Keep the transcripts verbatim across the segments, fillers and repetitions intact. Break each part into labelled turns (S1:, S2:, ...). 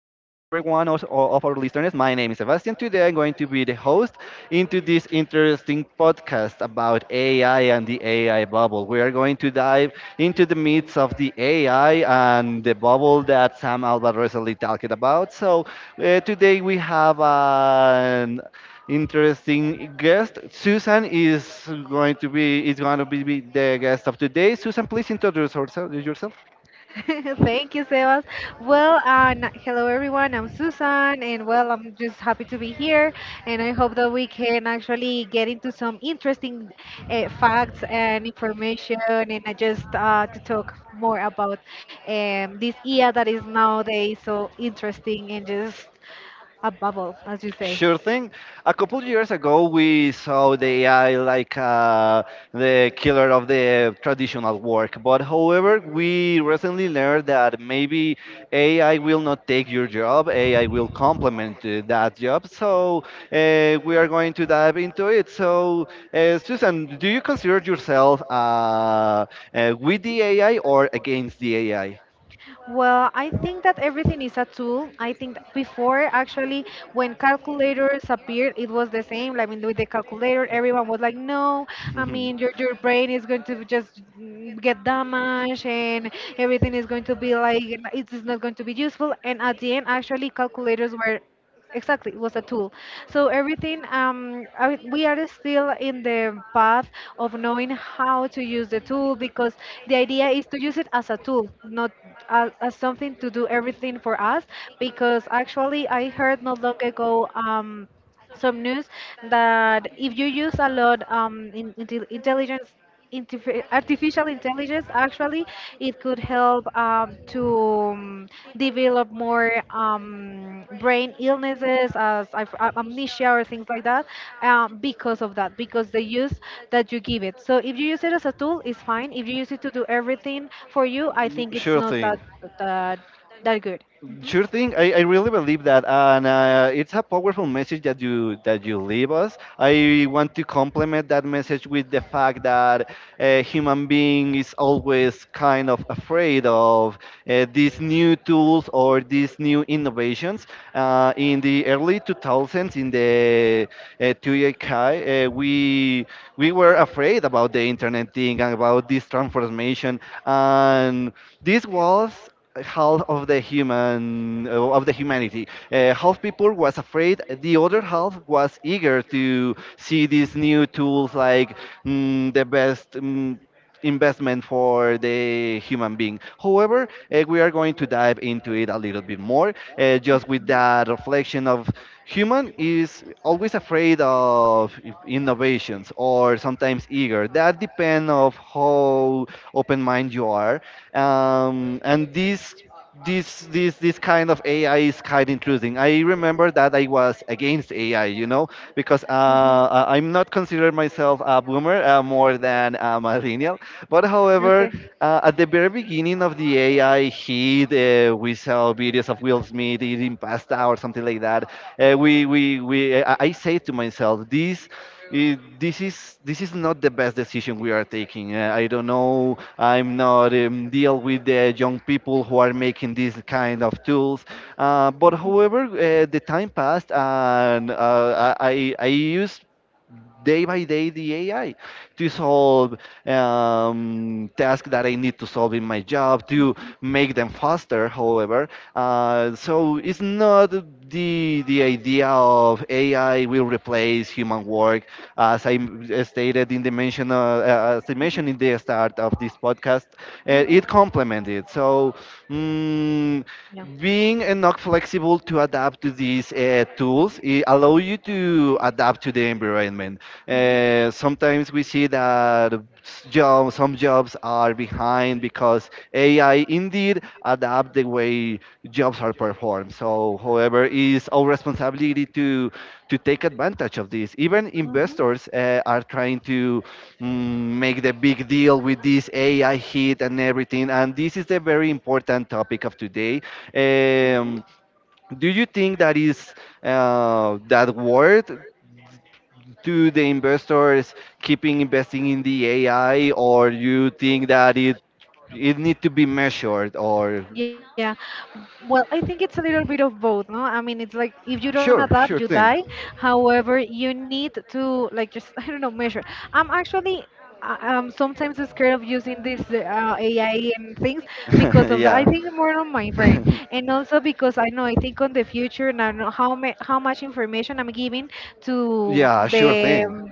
S1: of, of our listeners. My name is Sebastian. Today I'm going to be the host into this interesting podcast about A I and the A I bubble. We are going to dive into the myths of the A I and the bubble that Sam Alba recently talked about. So uh, today we have an interesting guest. Susan is going to be is going to be the guest of today. Susan, please introduce herself- yourself.
S2: Thank you, Sebas. Well, uh, n- hello everyone. I'm Susan, and well, I'm just happy to be here. And I hope that we can actually get into some interesting uh, facts and information, and uh, just uh, to talk more about um, this year that is nowadays so interesting and just a bubble, as you say.
S1: Sure thing. A couple years ago, we saw the A I like uh, the killer of the traditional work. But however, we recently learned that maybe A I will not take your job. A I will complement uh, that job. So uh, we are going to dive into it. So, uh, Susan, do you consider yourself uh, uh, with the A I or against the A I?
S2: Well, I think that everything is a tool. I think that before, actually, when calculators appeared, it was the same. Like, I mean, with the calculator, everyone was like, no, I mean, your, your brain is going to just mm, get damaged and everything is going to be like, it is not going to be useful. And at the end, actually, calculators were. Exactly, it was a tool. So everything, um, I, we are still in the path of knowing how to use the tool because the idea is to use it as a tool, not as, as something to do everything for us. Because actually, I heard not long ago. Um, some news that if you use a lot um, in, intel- intelligence, intif- artificial intelligence, actually, it could help um, to um, develop more um, brain illnesses as I've- a- amnesia or things like that um, because of that, because the use that you give it. So if you use it as a tool, it's fine. If you use it to do everything for you, I
S1: Mm,
S2: think it's
S1: sure
S2: not
S1: thing.
S2: that that that good. Mhm.
S1: Sure thing. I, I really believe that, and uh, it's a powerful message that you that you leave us. I want to complement that message with the fact that a human being is always kind of afraid of uh, these new tools or these new innovations. Uh, in the early two thousands, in the uh, two K, uh, we we were afraid about the internet thing and about this transformation, and this was half of the human uh, of the humanity. Uh, half people was afraid. The other half was eager to see these new tools, like mm, the best. Mm, investment for the human being. However, uh, we are going to dive into it a little bit more, uh, just with that reflection of human is always afraid of innovations or sometimes eager, that depends of how open mind you are, um, and this this this this kind of A I is kind of intruding. I remember that I was against A I, you know, because uh,
S2: Mhm.
S1: I- I'm not considered myself a boomer, uh, more than a millennial. But however,
S2: Okay.
S1: uh, at the very beginning of the A I heat, uh, we saw videos of Will Smith eating pasta or something like that. Uh, we we we I, I say to myself, this. i- this is this is not the best decision we are taking. Uh, I don't know, I'm not, um, deal with the young people who are making these kind of tools. Uh, but however, uh, the time passed, and uh, I, I I used day by day the A I to solve um, tasks that I need to solve in my job to make them faster. However, uh, so it's not the the idea of A I will replace human work, as I m- uh, stated in the mention, uh, uh, as I mentioned in the start of this podcast, uh, it complemented. So mm,
S2: Yeah.
S1: being enough flexible to adapt to these uh, tools, it allow you to adapt to the environment. Uh, sometimes we see that job, some jobs are behind because A I indeed adapt the way jobs are performed. So, however, it's our responsibility to to take advantage of this. Even investors uh, are trying to mm, make the big deal with this A I hit and everything. And this is the very important topic of today.
S2: Mhm. Mhm.
S1: Um, do you think that is uh, that word? To the investors keeping investing in the A I, or you think that is, it need to be measured, or
S2: Yeah. Well, I think it's a little bit of both, no? I mean, it's like if you don't
S1: sure,
S2: adapt,
S1: sure
S2: you
S1: thing.
S2: die. However, you need to like just I don't know, measure. I'm actually uh, um sometimes scared of using this uh, A I and things because of that. I
S1: Yeah.
S2: think more on my brain, and also because I know I think on the future and I know how ma how much information I'm giving to
S1: Yeah, sure
S2: the
S1: thing.
S2: um,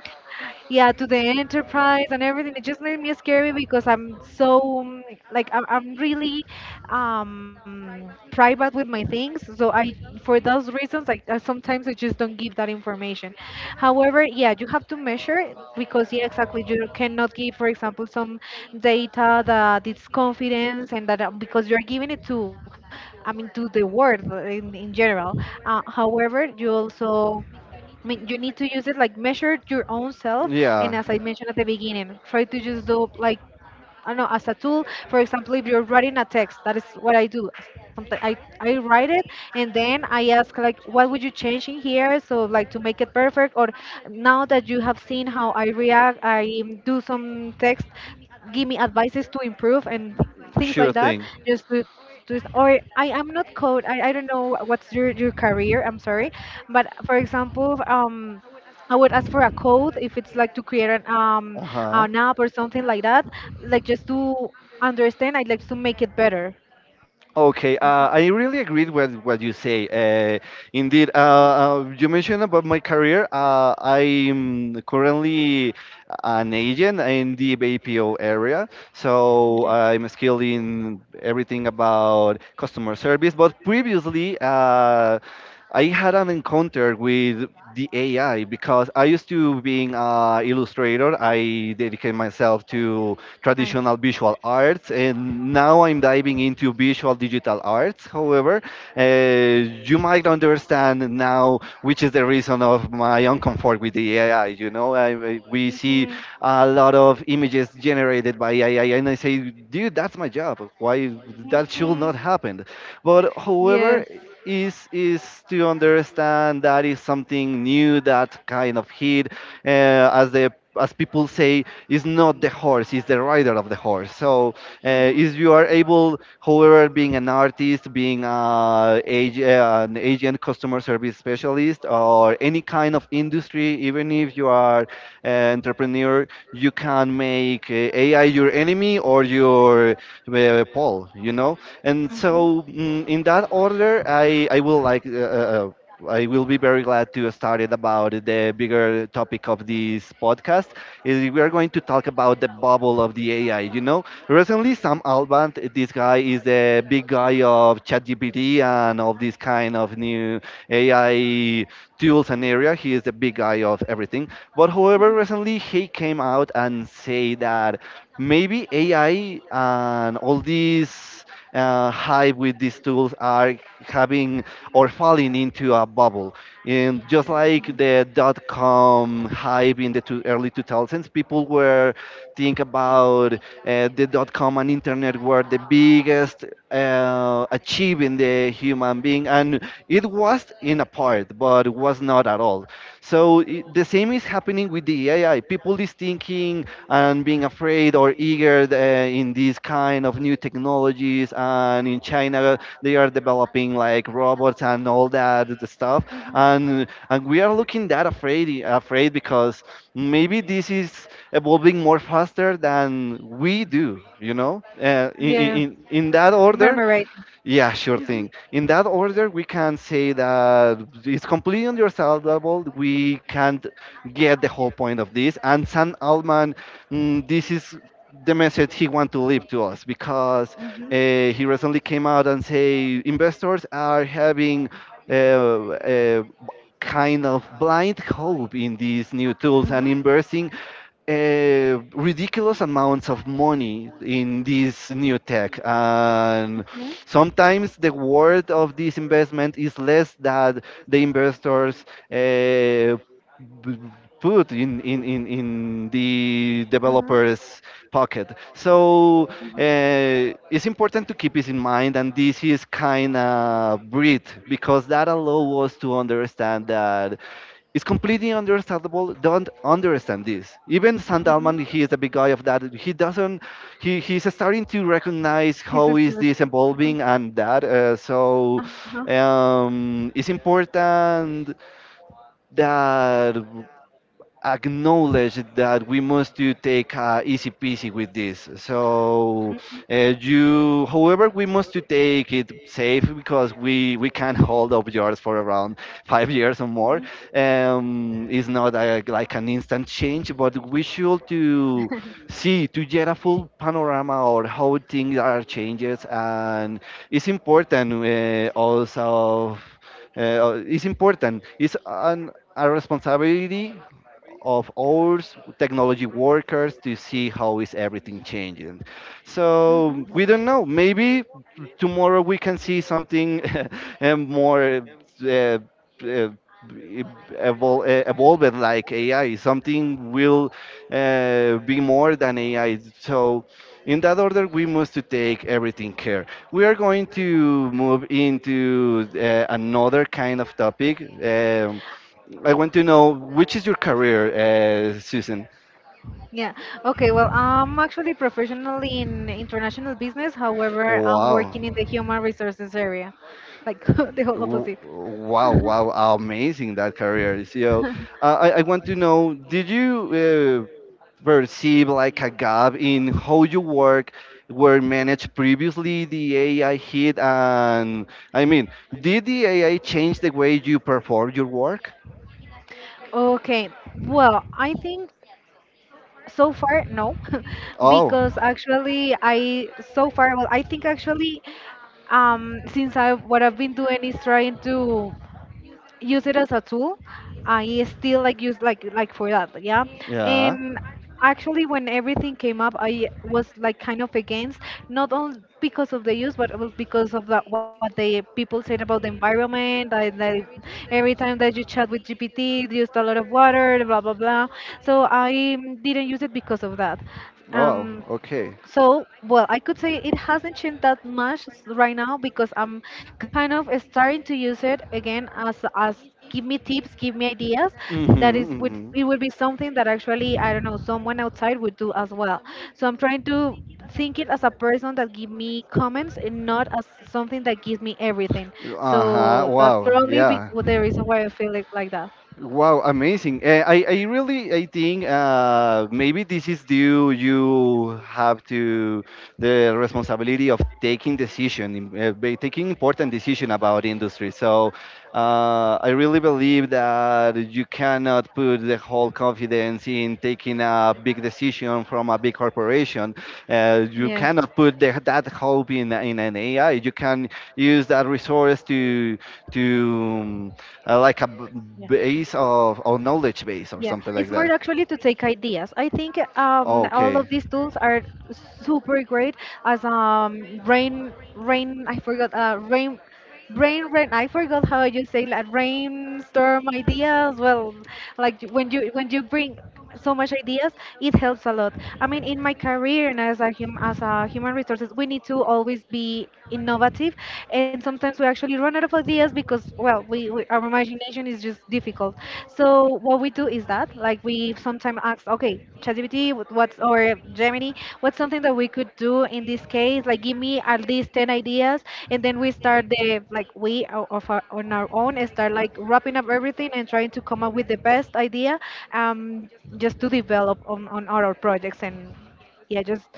S2: yeah to the enterprise and everything, it just made me scary because I'm so um, like i'm, I'm really um private with my things, so I for those reasons like uh, sometimes I just don't give that information. However, yeah, you have to measure because, yeah, exactly, you cannot give, for example, some data that it's confidence and that uh, because you're giving it to, I mean, to the world uh, in, in general. Uh, however, you also, I mean, you need to use it like measure your own self,
S1: Yeah.
S2: and as I mentioned at the beginning, try to just do like I don't know, as a tool. For example, if you're writing a text, that is what I do. Sometimes I, I write it and then I ask like, what would you change in here? So like to make it perfect or now that you have seen how I react, I um, do some text, give me advices to improve and
S1: Sure
S2: things like
S1: thing.
S2: that. Just to, to Or I am not code. I, I don't know what's your, your career. I'm sorry. But for example, um, I would ask for a code if it's like to create an um
S1: Uh huh.
S2: an app or something like that, like just to understand. I'd like to make it better.
S1: Okay,
S2: Mhm.
S1: uh, I really agreed with what you say. Uh, indeed, uh, uh, you mentioned about my career. Uh, I'm currently an agent in the B P O area, so
S2: Okay.
S1: I'm skilled in everything about customer service. But previously, uh, I had an encounter with the A I because I used to being an illustrator. I dedicate myself to
S2: Nice.
S1: traditional visual arts, and now I'm diving into visual digital arts. However, uh, you might understand now which is the reason of my uncomfort with the A I. You know, I, I- we
S2: Hmm.
S1: see a lot of images generated by A I, and I say, dude, that's my job. Why that should
S2: Hmm.
S1: not happen? But
S2: Yes.
S1: however, is is to understand that is something new that kind of hit, uh, as the as people say, it's not the horse, it's the rider of the horse. So uh, if you are able, however, being an artist, being uh, ag- uh, an agent, customer service specialist, or any kind of industry, even if you are an entrepreneur, you can make uh, A I your enemy or your uh, Paul, you know? And so, mm, in that order, I, I will like. Uh, uh, uh, I will be very glad to start it about the bigger topic of this podcast, is we are going to talk about the bubble of the A I. You know, recently Sam Altman, this guy is the big guy of ChatGPT and of this kind of new A I tools and area. He is the big guy of everything. But however, recently he came out and say that maybe A I and all these uh, hype with these tools are having or falling into a bubble, and just like the dot com hype in the two, early two thousands, people were think about uh, the dot com and internet were the biggest uh, achievement in the human being, and it was in a part, but it was not at all. So I the same is happening with the A I. People is thinking and being afraid or eager uh, in these kind of new technologies, and in China they are developing like robots and all that stuff, and and we are looking that afraid afraid because maybe this is evolving more faster than we do, you know uh, in, in
S2: Yes,
S1: in in that
S2: you
S1: order.
S2: murmurate.
S1: Yeah, sure thing. In that order, we can say that it's completely understandable. We can't get the whole point of this. And Sam Altman, mm, this is the message he want to leave to us, because uh, he recently came out and say investors are having uh, uh, kind of blind hope in these new tools
S2: Mhm.
S1: and investing uh, ridiculous amounts of money in this new tech, and
S2: Mhm.
S1: sometimes the worth of this investment is less than the investors uh, b- put in, in, in, in the developer's pocket. So uh, it's important to keep this in mind, and this is kind of breed because that allows us to understand that. It's completely understandable. Don't understand this. Even Sandalman, he is a big guy of that. He doesn't. He he's starting to recognize
S2: He's time
S1: how
S2: still
S1: is
S2: going
S1: this
S2: scared.
S1: evolving and that. Uh,
S2: Uh huh.
S1: so um, it's important that acknowledge that we must to take, uh, easy peasy with this. So
S2: Mhm.
S1: uh, you, however, we must to take it safe, because we we can't hold up yours for around five years or more. Um, it's not a, like an instant change, but we should to see to get a full panorama or how things are changes, and it's important, uh, also. Uh, it's important. It's an, a responsibility of ours technology workers to see how is everything changing,
S2: Mhm. Mhm.
S1: so we don't know, maybe tomorrow we can see something uh, more uh, uh, evol- uh, evolved, like A I. Something will uh, be more than A I. So, in that order, we must to take everything care. We are going to move into uh, another kind of topic. Um, I want to know which is your career, uh, Susan.
S2: Yeah. Okay. Well, I'm actually professionally in international business. However, I'm
S1: Wow.
S2: working in the human resources area, like the whole
S1: W-
S2: opposite.
S1: Wow, wow, amazing that career. So, uh, I, I want to know, did you uh, perceive like a gap in how you work were managed previously, the A I hit, and I mean, did the A I change the way you perform your work?
S2: Okay. Well, I think so far, no,
S1: Oh.
S2: because actually, I so far, well, I think actually, um, since I what I've been doing is trying to use it as a tool. I still like use like like for that, yeah.
S1: Yeah.
S2: And actually, when everything came up, I was like kind of against, not only because of the use, but it was because of that what the people said about the environment. I, that every time that you chat with G P T, it used a lot of water, blah blah blah. So I mm, didn't use it because of that.
S1: Oh,
S2: Um,
S1: okay.
S2: so, well, I could say it hasn't changed that much s- right now because I'm kind of starting to use it again as as give me tips, give me ideas. That is would
S1: Mm-hmm,
S2: it would be something that actually I don't know someone outside would do as well. So I'm trying to think it as a person that give me comments and not as something that gives me everything.
S1: mm-hmm. Uh-huh,
S2: So that's
S1: wow,
S2: probably be-
S1: yeah.
S2: the reason why I feel it like that.
S1: Wow, amazing. Uh, I, I really I think, uh, maybe this is due you have to the responsibility of taking decision, im- uh, ba- taking important decision about industry. So uh, I really believe that you cannot put the whole confidence in taking a big decision from a big corporation. Uh, you
S2: Yes.
S1: cannot put the, that hope in, in an A I. You can use that resource to to um, uh, like a b-
S2: Yeah.
S1: base of or knowledge base or
S2: Yeah,
S1: something
S2: it's
S1: like
S2: more
S1: that.
S2: actually to take ideas. I think
S1: Oh,
S2: um, all
S1: okay.
S2: of these tools are super great as um, rain, rain. I forgot uh, rain. Brain, rain. I forgot how you say like rainstorm ideas. Well, like when you when you bring so much ideas, it helps a lot. I mean, in my career and as a hum, as a human resources, we need to always be innovative, and sometimes we actually run out of ideas because well, we, we our imagination is just difficult. So what we do do is that like we sometimes ask, okay, ChatGPT, what- what's or Gemini, what's something that we could do in this case? Like, give me at least ten ideas, and then we start the like we o- of our, on our own and start like wrapping up everything and trying to come up with the best idea, um, just to develop on on our projects and yeah, just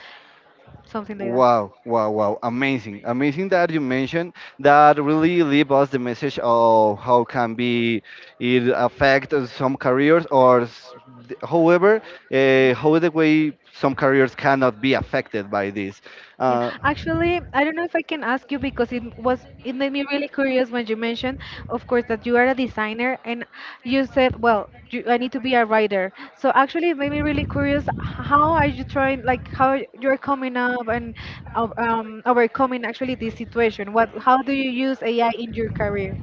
S2: something like that.
S1: Wow, wow, wow. Amazing. Amazing that you mentioned that really leave us the message of how can be it affect some careers or s- th- however, uh, how the way some careers cannot be affected by this.
S2: Yeah,
S1: Uh,
S2: actually, I don't know if I can ask you because it was it made me really curious when you mentioned, of course, that you are a designer and you said, well, you, I need to be a writer. So actually, it made me really curious. How are you trying, like, how you're coming up and o- um, overcoming actually this situation? What, how do you use A I in your career?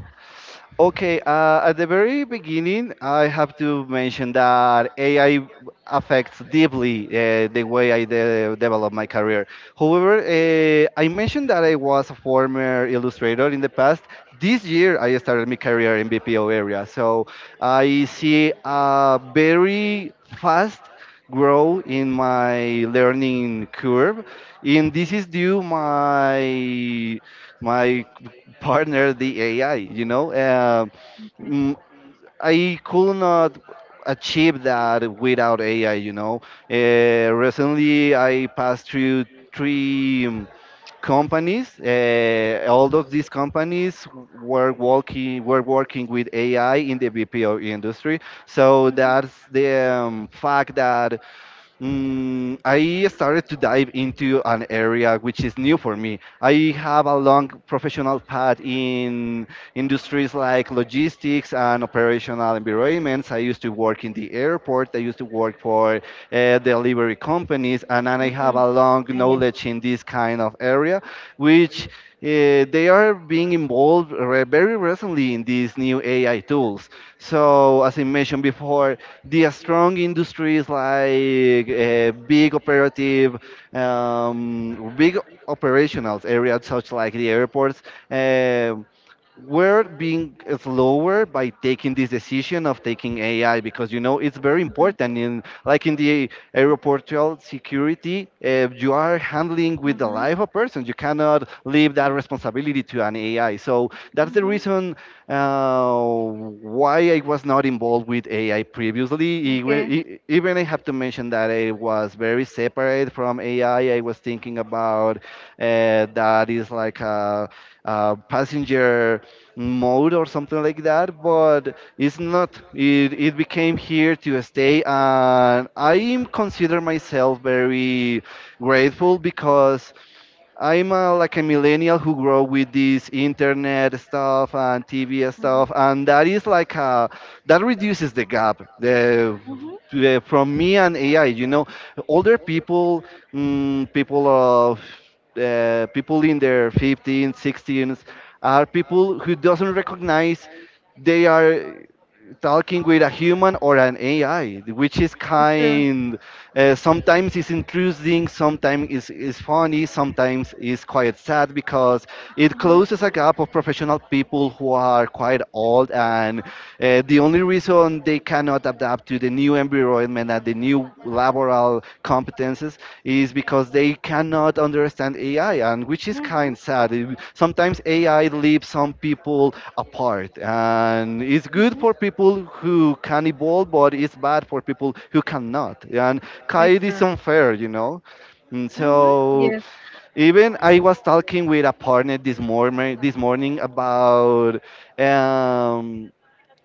S1: Okay, uh, at the very beginning, I have to mention that A I affects deeply, uh, the way I de- develop my career. However, uh, I mentioned that I was a former illustrator in the past. This year, I started my career in B P O area, so I see a very fast grow in my learning curve, and this is due my my partner the A I. You know, Um
S2: Okay.
S1: mm, I could not achieve that without A I. You know, uh, recently I passed through three um, companies. Uh, all of these companies were working were working with A I in the B P O industry. So that's the um, fact that Mm, I started to dive into an area which is new for me. I have a long professional path in industries like logistics and operational environments. I used to work in the airport, I used to work for uh, delivery companies, and then I have
S2: Mm-hmm.
S1: a long
S2: Ah, yeah.
S1: knowledge in this kind of area, which uh, they are being involved re- very recently in these new A I tools. So, as I mentioned before, the strong industries like uh, big operative, um, big operational areas such like the airports. um we're being slower by taking this decision of taking A I because you know it's very
S2: Mm-hmm.
S1: important in like in the aeroportual security. Uh, you are handling with the
S2: Mm-hmm.
S1: life of person. You cannot leave that responsibility to an A I, so that's the
S2: Mm-hmm.
S1: reason uh, why I was not involved with A I previously. E-
S2: Okay.
S1: e- even I have to mention that I was very separate from A I. I I was thinking about uh, that is like a, a passenger mode or something like that, but it's not. It, it became here to stay, and I consider myself very grateful because I'm uh, like a millennial who grew up with this internet stuff and T V stuff, and that is like uh that reduces the gap the, the- from me and A I. You know, older people, mm, people of uh, people in their fifteens, sixteens, are people who doesn't recognize they are talking with a human or an A I, which is
S2: True.
S1: kind. Uh, sometimes it's intruding, sometimes it's, it's funny, sometimes it's quite sad because it closes a gap of professional people who are quite old, and uh, the only reason they cannot adapt to the new environment and the new laboral competences is because they cannot understand A I, and which is kind
S2: Mhm.
S1: of sad. It- Sometimes A I leaves some people apart, and it's
S2: Mhm.
S1: good for people who can evolve, but it's bad for people who cannot. And it
S2: Extra.
S1: is unfair, you know. Mm,
S2: Mhm.
S1: So
S2: Yes.
S1: even I was talking with a partner this morning this morning about um,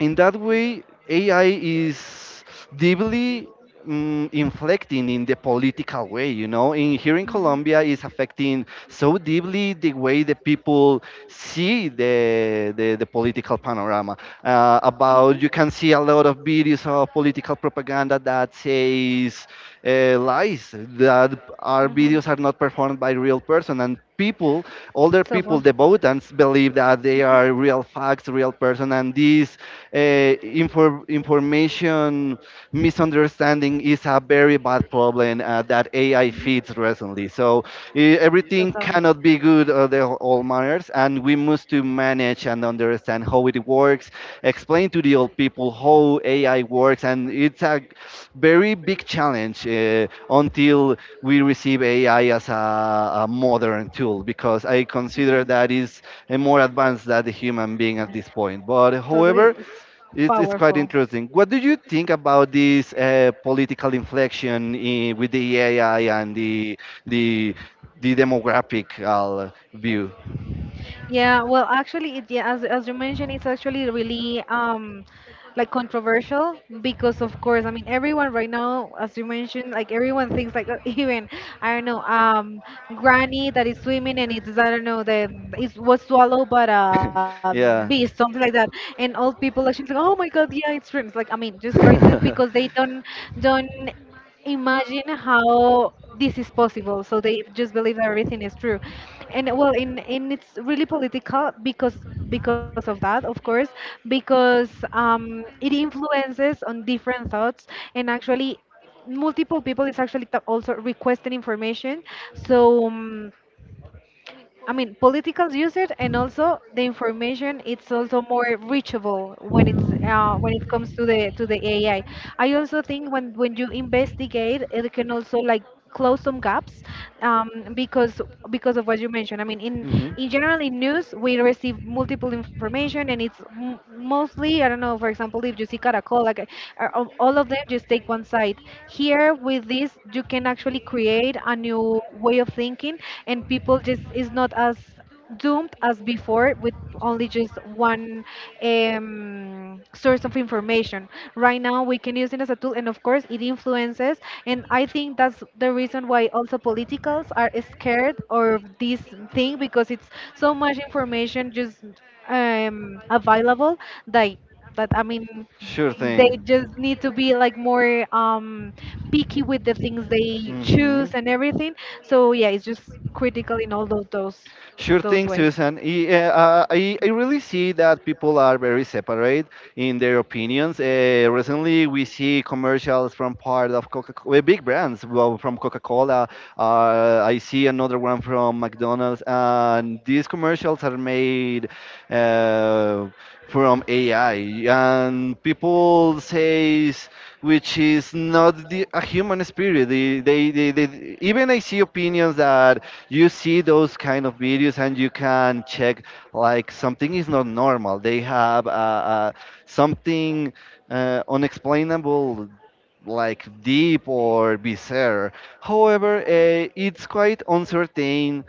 S1: in that way, A I is deeply mm, inflecting in the political way. You know, in here in Colombia, is affecting so deeply the way the people see the the, the political panorama. Uh, about
S2: Mhm.
S1: you can see a lot of videos of political propaganda that says uh, lies that our
S2: Mhm. Mhm.
S1: videos are not performed by real person, and people, older
S2: So
S1: people,
S2: far.
S1: the votants believe that they are real facts, real person. And this uh, infor- information misunderstanding is a very bad problem uh, that A I feeds recently. So eh, everything cannot be good uh, the all manners, and we must to manage and understand how it works. Explain to the old people how A I works, and it's a very big challenge uh, until we receive A I as a, a modern tool, because I consider that is eh, more advanced than the human being at this point. But however, it's, it's quite interesting. What do you think about this uh, political inflection in, with the A I and the the the demographical view?
S2: Yeah, well, actually, it, yeah, as as you mentioned, it's actually really um like controversial because, of course, I mean, everyone right now, as you mentioned, like everyone thinks like even I don't know, um, granny that is swimming and it's I don't know that it was swallowed by a beast,
S1: Yeah.
S2: something like that, and old people actually think, oh my God, yeah, it's shrimps. Like I mean, just try to because they don't don't imagine how this is possible. So they just believe that everything is true, and well, in in it's really political because because of that, of course, because um, it influences on different thoughts and actually multiple people is actually ta- also requesting information. So. um, I mean, politicals use it, and also the information. It's also more reachable when it's uh, when it comes to the to the A I. I I also think when when you investigate, it can also like close some gaps um, because because of what you mentioned. I mean, in in general in news we receive multiple information and it's m- mostly I don't know know, for example, if you see Caracol, like uh, uh, all of them just take one side. Here with this, you can actually create a new way of thinking, and people just is not as doomed as before with only just one um, source of information. Right now, we can use it as a tool, and of course, it influences. And I think that's the reason why also politicals are scared of this thing because it's so much information just um, available that but I mean, they just need to be like more um, picky with the things they choose
S1: Hmm.
S2: and everything. So yeah, it's just critical in all of those
S1: Sure
S2: those
S1: thing,
S2: ways.
S1: Susan. I, uh, uh, I, I really see that people are very separate in their opinions. Uh, recently, we see commercials from part of Coca-Cola, big brands, well, from Coca-Cola. Uh, I see another one from McDonald's, and these commercials are made uh, from A I, and people says which is not the, a human spirit. They, they, they, they, even I see opinions that you see those kind of videos and you can check like something is not normal. They have uh, uh, something uh, unexplainable like deep or bizarre. However, uh, it's quite uncertain.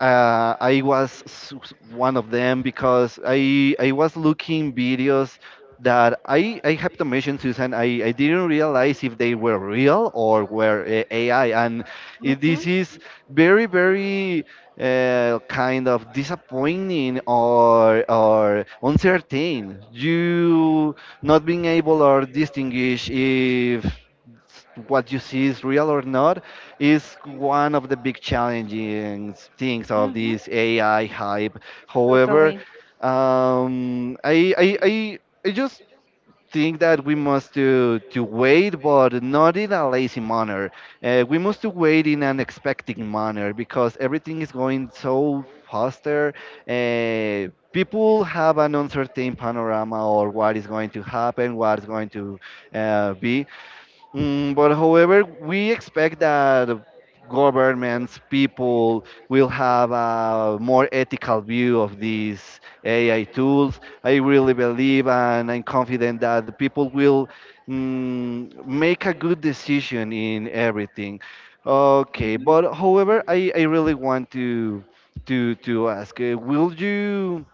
S1: uh, I was s- s- one of them because I I was looking videos that I I have to mention, Susan, I, I didn't realize if they were real or were uh, A I. And it,
S2: Hmm.
S1: this is very very uh, kind of disappointing or or uncertain. You not being able or distinguish if what you see is real or not is one of the big challenging things of
S2: Hmm.
S1: this A I hype. However,
S2: Totally.
S1: um, I, I, I, I just think that we must to, to wait, but not in a lazy manner. Uh, we must to wait in an expecting manner because everything is going so faster. Uh, people have an uncertain panorama or what is going to happen, what is going to uh, be. Mm, but however, we expect that governments, people will have a more ethical view of these A I tools. I really believe and I'm confident that the people will mm, make a good decision in everything. Okay, but
S2: Hmm.
S1: however, I, I really want to to to ask, uh, will you?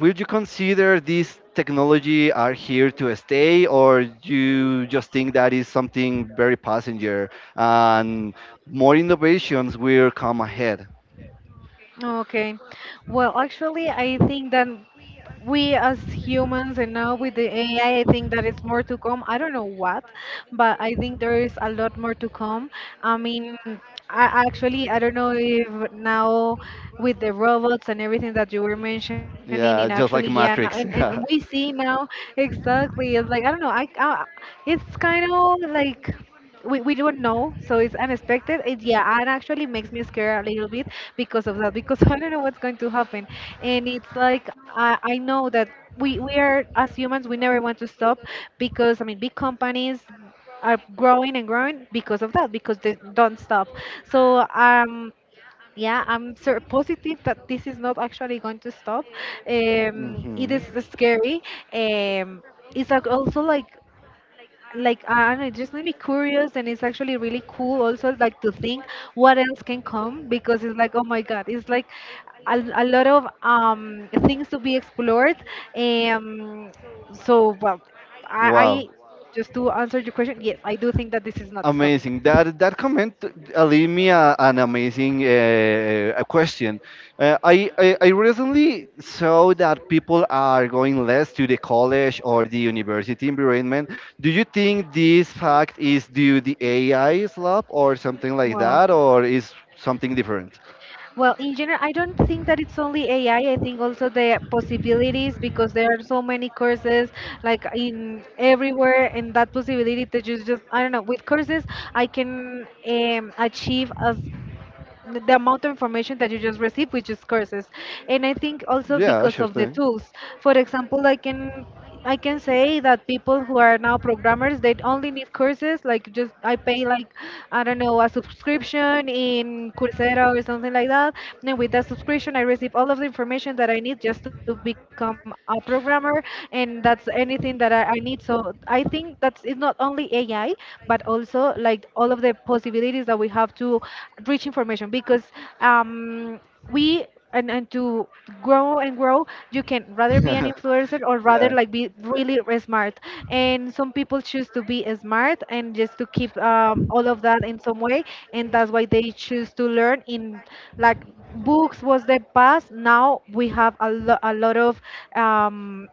S1: Would you consider these technology are here to stay, or you just think that is something very passenger and more innovations will come ahead?
S2: Okay. Well, actually, I think that we as humans and now with the A I, I I think that it's more to come. I don't know what, but I think there is a lot more to come. I mean, I actually, I don't know if now with the robots and everything that you were mentioning, and
S1: Yeah,
S2: actually,
S1: just
S2: yeah,
S1: like
S2: now, and,
S1: Matrix.
S2: and we
S1: Yeah.
S2: see now exactly. It's like, I don't know, I, I it's kind of like we, we don't know, so it's unexpected it. Yeah, and actually makes me scared a little bit because of that. Because i don't know what's going to happen. And it's like i, I know that we, we are, as humans we never want to stop, because I mean big companies are growing and growing because of that, because they don't stop. So um yeah, I'm sort positive that this is not actually going to stop. Um it
S1: Mhm.
S2: is scary. um it's like also like like I don't know, it just made me curious, and it's actually really cool also like to think what else can come because it's like oh my god, it's like a, a lot of um things to be explored. Um, so well, I, I
S1: Wow.
S2: Just to answer your question, yes, I do think that this is not stopping.
S1: Amazing. That that comment uh, leave me a, an amazing uh, uh, a question. Uh, I, I I recently saw that people are going less to the college or the university environment. Do you think this fact is due the A I slap or something like
S2: Wow.
S1: that, or is something different?
S2: Well, in general, I don't think that it's only A I. I I think also the possibilities, because there are so many courses like in everywhere, and that possibility that you just I don't know. With courses, I can um, achieve as the amount of information that you just receive, which is courses. And I think also
S1: Yeah,
S2: because
S1: sure
S2: of the
S1: thing.
S2: tools. For example, I can I can say that people who are now programmers, they only need courses. Like just I pay, like I don't know, a subscription in Coursera or something like that. And with that subscription, I receive all of the information that I need just to become a programmer, and that's anything that I, I need. So I think that's it's not only A I, but also like all of the possibilities that we have to reach information because um, we and, and to grow and grow. You can rather be an influencer or rather
S1: Yeah,
S2: like be really re- smart, and some people choose to be smart and just to keep um, all of that in some way, and that's why they choose to learn in like books was the past. Now we have a, lo- a lot of um,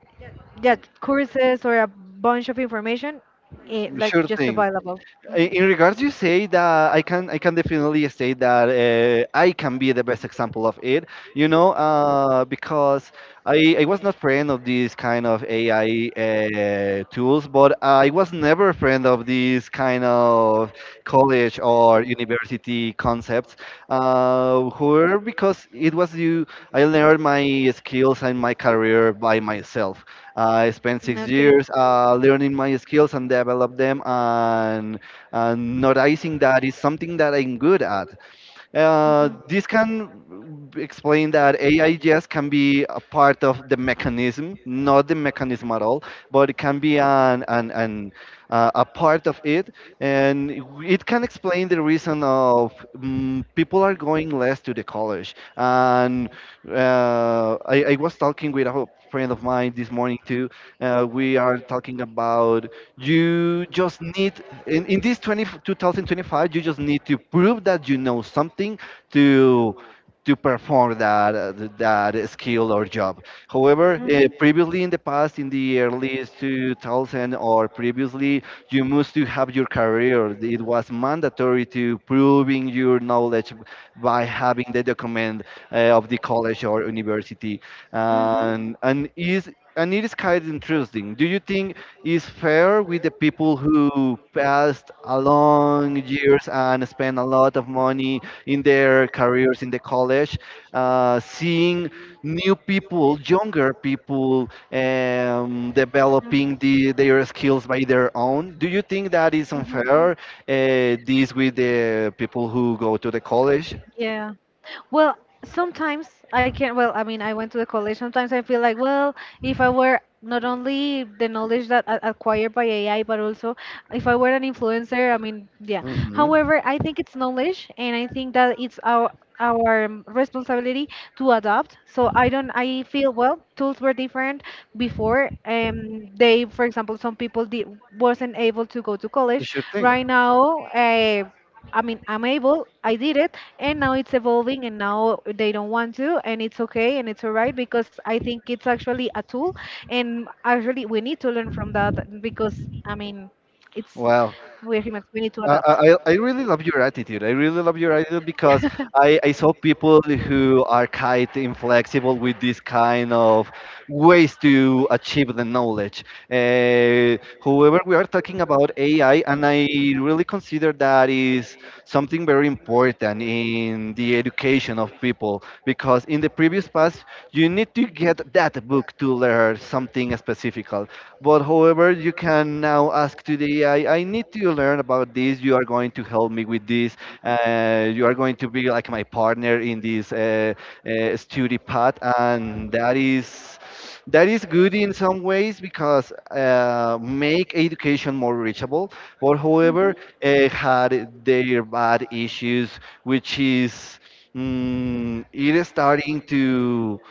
S2: yeah, courses or a bunch of information, eh, like
S1: sure
S2: just
S1: thing.
S2: available.
S1: I-
S2: Mhm.
S1: In regards, you say that I can I can definitely say that uh, I can be the best example of it. You know, uh, because I, I was not friend of these kind of A I uh, tools, but I was never a friend of these kind of college or university concepts. Uh, however, because it was you, I learned my skills and my career by myself. I spent six years uh, learning my skills and develop them and and noticing that is something that I'm good at. Uh, this can explain that A I yes can be a part of the mechanism, not the mechanism at all, but it can be an an, an uh, a part of it, and it can explain the reason of mm people are going less to the college. And uh, I, I was talking with a friend of mine this morning too. Uh, we are talking about you just need in, in this twenty twenty twenty-five you just need to prove that you know something to to perform that uh, th- that skill or job. However, uh, previously in the past in the early two thousand or previously you must to have your career. It was mandatory to proving your knowledge by having the document uh, of the college or university,
S2: Mm-hmm.
S1: and and is and it is kind of interesting. Do you think is fair with the people who passed a long years and spent a lot of money in their careers in the college, uh, seeing new people, younger people, um, developing the, their skills by their own? Do you think that is unfair, uh, this with the people who go to the college?
S2: Yeah. Well, sometimes I can, well, I mean, I went to the college. Sometimes I feel like, well, if I were not only the knowledge that I acquired by A I, but also if I were an influencer, I mean, yeah.
S1: Hmm.
S2: However, I think it's knowledge, and I think that it's our our um, responsibility to adopt. So I don't. I feel well. Tools were different before. Um, they, for example, some people did, wasn't able to go to college.
S1: Sure thing.
S2: Right now, uh, I mean, I'm able. I did it, and now it's evolving, and now they don't want to, and it's okay, and it's alright because I think it's actually a tool, and actually we need to learn from that because I mean. It's
S1: Well,
S2: Wow. We're humans. We need to
S1: Uh, I,
S2: adapt.
S1: I I really love your attitude. I really love your attitude because I, I saw people who are quite inflexible with this kind of ways to achieve the knowledge. Uh, However, we are talking about A I, and I really consider that is something very important in the education of people because in the previous past, you need to get that book to learn something specific. But however, you can now ask to the A I, I I need to learn about this. You are going to help me with this. Uh, you are going to be like my partner in this uh, uh, study path, and that is that is good in some ways because uh, make education more reachable. But however,
S2: Mhm.
S1: uh, had their bad issues, which is mm, it is starting to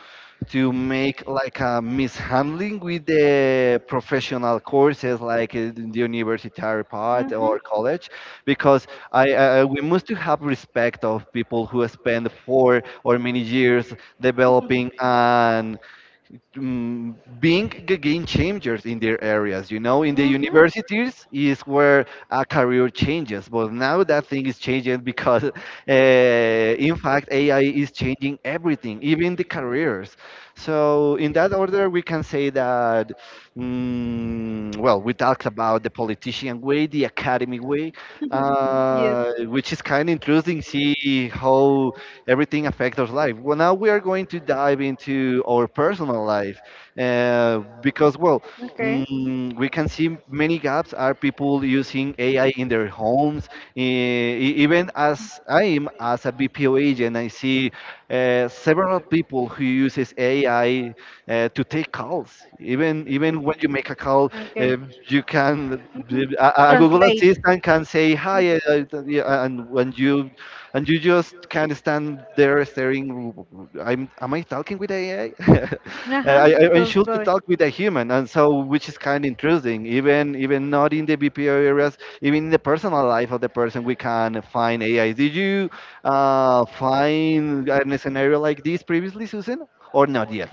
S1: to make like a mishandling with the professional courses like in the universitary part or
S2: Mhm.
S1: college because I, I we must to have respect of people who spend four or many years developing an mm, being g- game changers in their areas. You know, in the
S2: Mhm.
S1: universities is where a career changes, but now that thing is changing because, uh, in fact, A I is changing everything, even the careers. So, in that order, we can say that, mm, well, we talked about the politician way, the academy way,
S2: Yes.
S1: uh, which is kind of interesting. See how everything affects our life. Well, now we are going to dive into our personal life uh, because, well,
S2: Okay.
S1: mm, we can see many gaps are people using A I in their homes. E- e- Even as I am as a B P O agent, I see uh, several people who uses A I uh, to take calls. Even even when you make a call, um,
S2: Okay.
S1: you can
S2: Ujú.
S1: uh, a, a Google
S2: Translate.
S1: Assistant can say hi, uh, uh, yeah, and when you and you just can't stand there staring. W- w- I'm, am I talking with A I? I, Uh, I,
S2: Ajá,
S1: I I should to
S2: todo.
S1: talk with a human, and so which is kind of intruding. Even even not in the B P O areas, even in the personal life of the person, we can find A I. Did you uh, find a scenario like this previously, Susan, or not yet?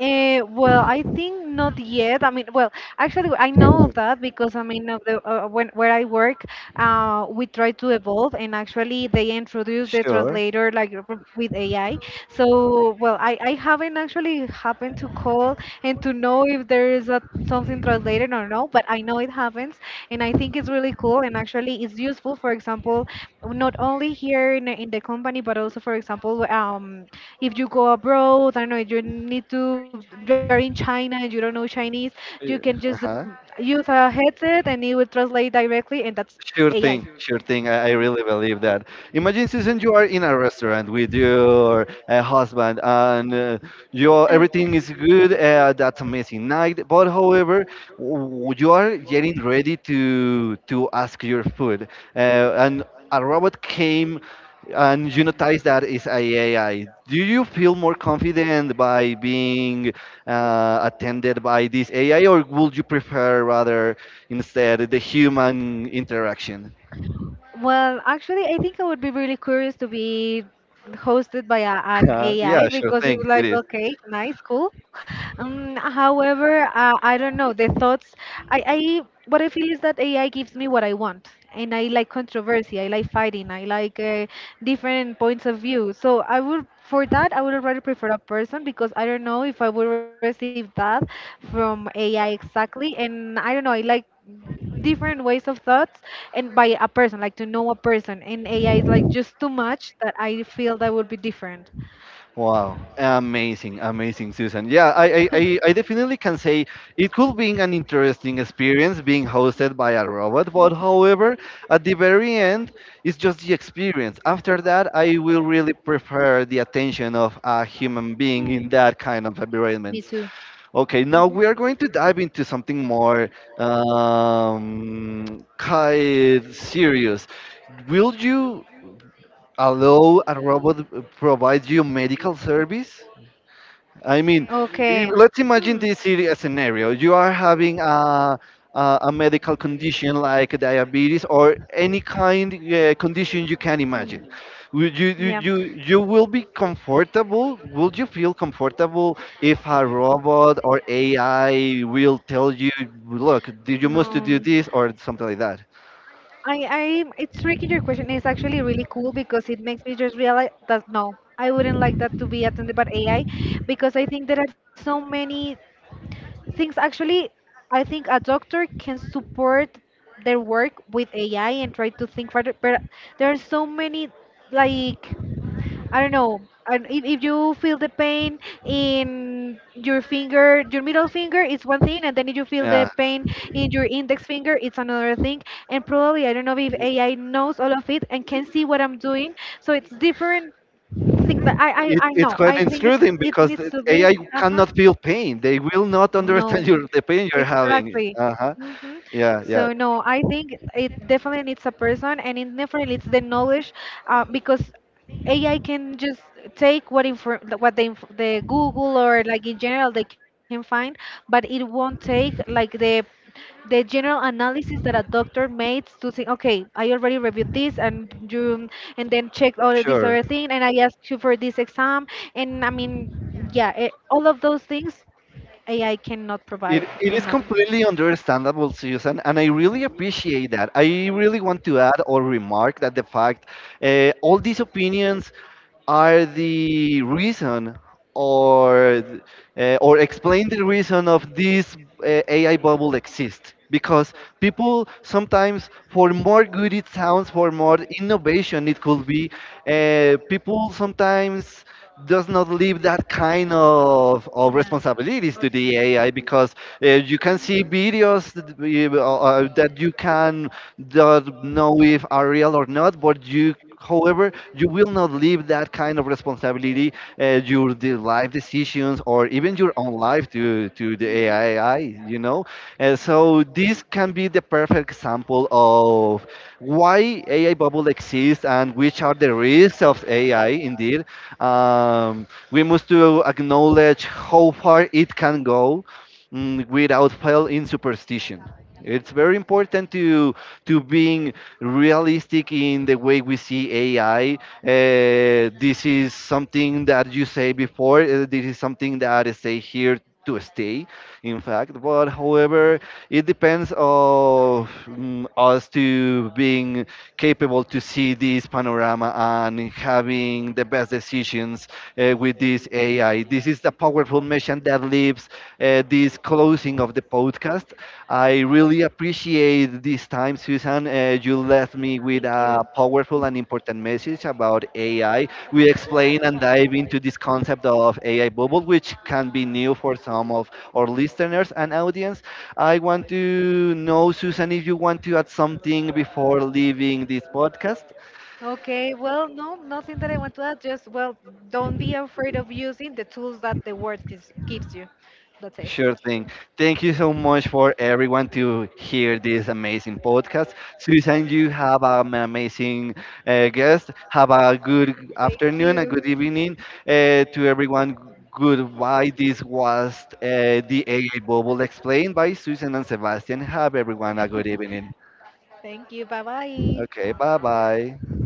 S2: Uh, well, I think not yet. I mean, well, actually, I know of that because I mean, of the uh, uh, when where I work, uh, we try to evolve, and actually, they introduce the
S1: Sure.
S2: translator like r- with A I. So, well, I I haven't actually happened to call and to know if there is a, something translated or no, but I know it happens, and I think it's really cool, and actually, it's useful. For example, not only here in in the company, but also, for example, um if you go abroad, I don't know, if you need to, you're in China and you don't know Chinese, you can just
S1: Uh huh.
S2: use a headset and it will translate directly, and that's
S1: Sure
S2: A I.
S1: thing, sure thing. I, I really believe that. Imagine, Susan, you are in a restaurant with your uh, husband,
S2: Mhm.
S1: and uh, your everything is good. Uh, that's amazing night. But however, w- you are getting ready to to ask your food, uh, and a robot came, and you notice that is a AI. Do you feel more confident by being uh, attended by this A I, or would you prefer rather? Instead the human interaction.
S2: Well, actually, I think I would be really curious to be hosted by a, an
S1: Uh, yeah,
S2: A I
S1: sure
S2: because
S1: thing.
S2: it's
S1: It
S2: like,
S1: is.
S2: okay, nice, cool. Um, however, uh, I don't know. The thoughts, I, I, what I feel is that A I gives me what I want. And I like controversy, I like fighting, I like uh, different points of view. So I would, for that, I would rather prefer a person because I don't know if I would receive that from A I exactly. And I don't know, I like different ways of thoughts, and by a person like to know a person. And AI is like just too much that I feel that would be different.
S1: Wow, amazing, amazing, Susan. Yeah, I, I, I I definitely can say it could be an interesting experience being hosted by a robot, but however, at the very end, it's just the experience. After that, I will really prefer the attention of a human being in
S2: Hmm.
S1: that kind of
S2: Me
S1: environment.
S2: too.
S1: Okay, now
S2: Mhm.
S1: we are going to dive into something more um, kind serious. Will you allow a robot provide you medical service? I mean, i-
S2: Okay.
S1: let's imagine
S2: Hmm.
S1: this serious scenario. You are having a, a, a medical condition like diabetes or any kind uh, condition you can imagine.
S2: Hmm.
S1: Would you, you,
S2: Yeah.
S1: you, you will be comfortable? Would you feel comfortable if a robot or A I will tell you, look, do- you must
S2: No,
S1: do this or something like that?
S2: I, I, it's tricky. Your question is actually really cool because it makes me just realize that no, I wouldn't like that to be attended by A I because I think there are so many things. Actually, I think a doctor can support their work with A I and try to think further, but there are so many like I don't know. And if, if you feel the pain in your finger, your middle finger is one thing, and then if you feel
S1: Yeah.
S2: the pain in your index finger, it's another thing. And probably, I don't know if A I knows all of it and can see what I'm doing. So it's different thing that I, I,
S1: It,
S2: I
S1: it's
S2: know.
S1: quite
S2: I think it's
S1: intruding
S2: it
S1: because
S2: needs
S1: the
S2: to be.
S1: A I
S2: Uh-huh.
S1: cannot feel pain. They will not
S2: No,
S1: understand your, the pain you're having.
S2: exactly.
S1: Uh-huh.
S2: Hmm.
S1: Yeah, yeah,
S2: So no, I think it definitely needs a person, and it definitely needs the knowledge, uh, because A I can just take what infor what the inf the Google or like in general they can find, but it won't take like the the general analysis that a doctor makes to think, okay, I already reviewed this, and you and then checked all this
S1: sure.
S2: other thing, and I asked you for this exam, and I mean yeah, eh, all of those things A I cannot provide
S1: It, it
S2: and
S1: is completely understandable, Susan, and I really appreciate that. I really want to add or remark that the fact uh, all these opinions are the reason or th- uh, or explain the reason of this uh, A I bubble
S2: not.
S1: exists because people sometimes for more good it sounds for more innovation it could be uh, people sometimes does not leave that kind of, of
S2: Yeah.
S1: responsibilities to
S2: Lots of it.
S1: the A I because uh, you can see
S2: Mhm.
S1: videos that, we- uh, uh, that you can not know if are real or not, but you however, you will not leave that kind of responsibility, uh, your the life decisions, or even your own life to, to the
S2: Mhm.
S1: A I, you know? Uh, so, this can be the perfect example of why A I bubble exists and which are the risks of A I, indeed. Um, we must to acknowledge how far it can go mm, without fail in superstition. It's very important to to being realistic in the way we see A I. Uh, this is something that you say before. Uh, this is something that is say here to stay. In fact, but however, it depends of mm, us to being capable to see this panorama and having the best decisions uh, with this A I. This is a powerful mission that leaves uh, this closing of the podcast. I really appreciate this time, Susan. Uh, you left me with
S2: Thank
S1: a
S2: you.
S1: powerful and important message about A I. We explain and dive into this concept of A I bubble, which can be new for some of our listeners and audience. I want to know, Susan, if you want to add something before leaving this podcast.
S2: Okay, well, no, nothing that I want to add. Just, well, don't be afraid of using the tools that the word gives, gives you. That's it.
S1: Sure thing. Thank you so much for everyone to hear this amazing podcast. Susan, you have an amazing uh, guest. Have a good
S2: Thank
S1: afternoon, a
S2: you.
S1: good evening uh, to everyone. Goodbye. This was uh, the A I Bubble explained by Susan and Sebastian. Have everyone a good evening.
S2: Thank you. Bye bye.
S1: Okay, bye bye.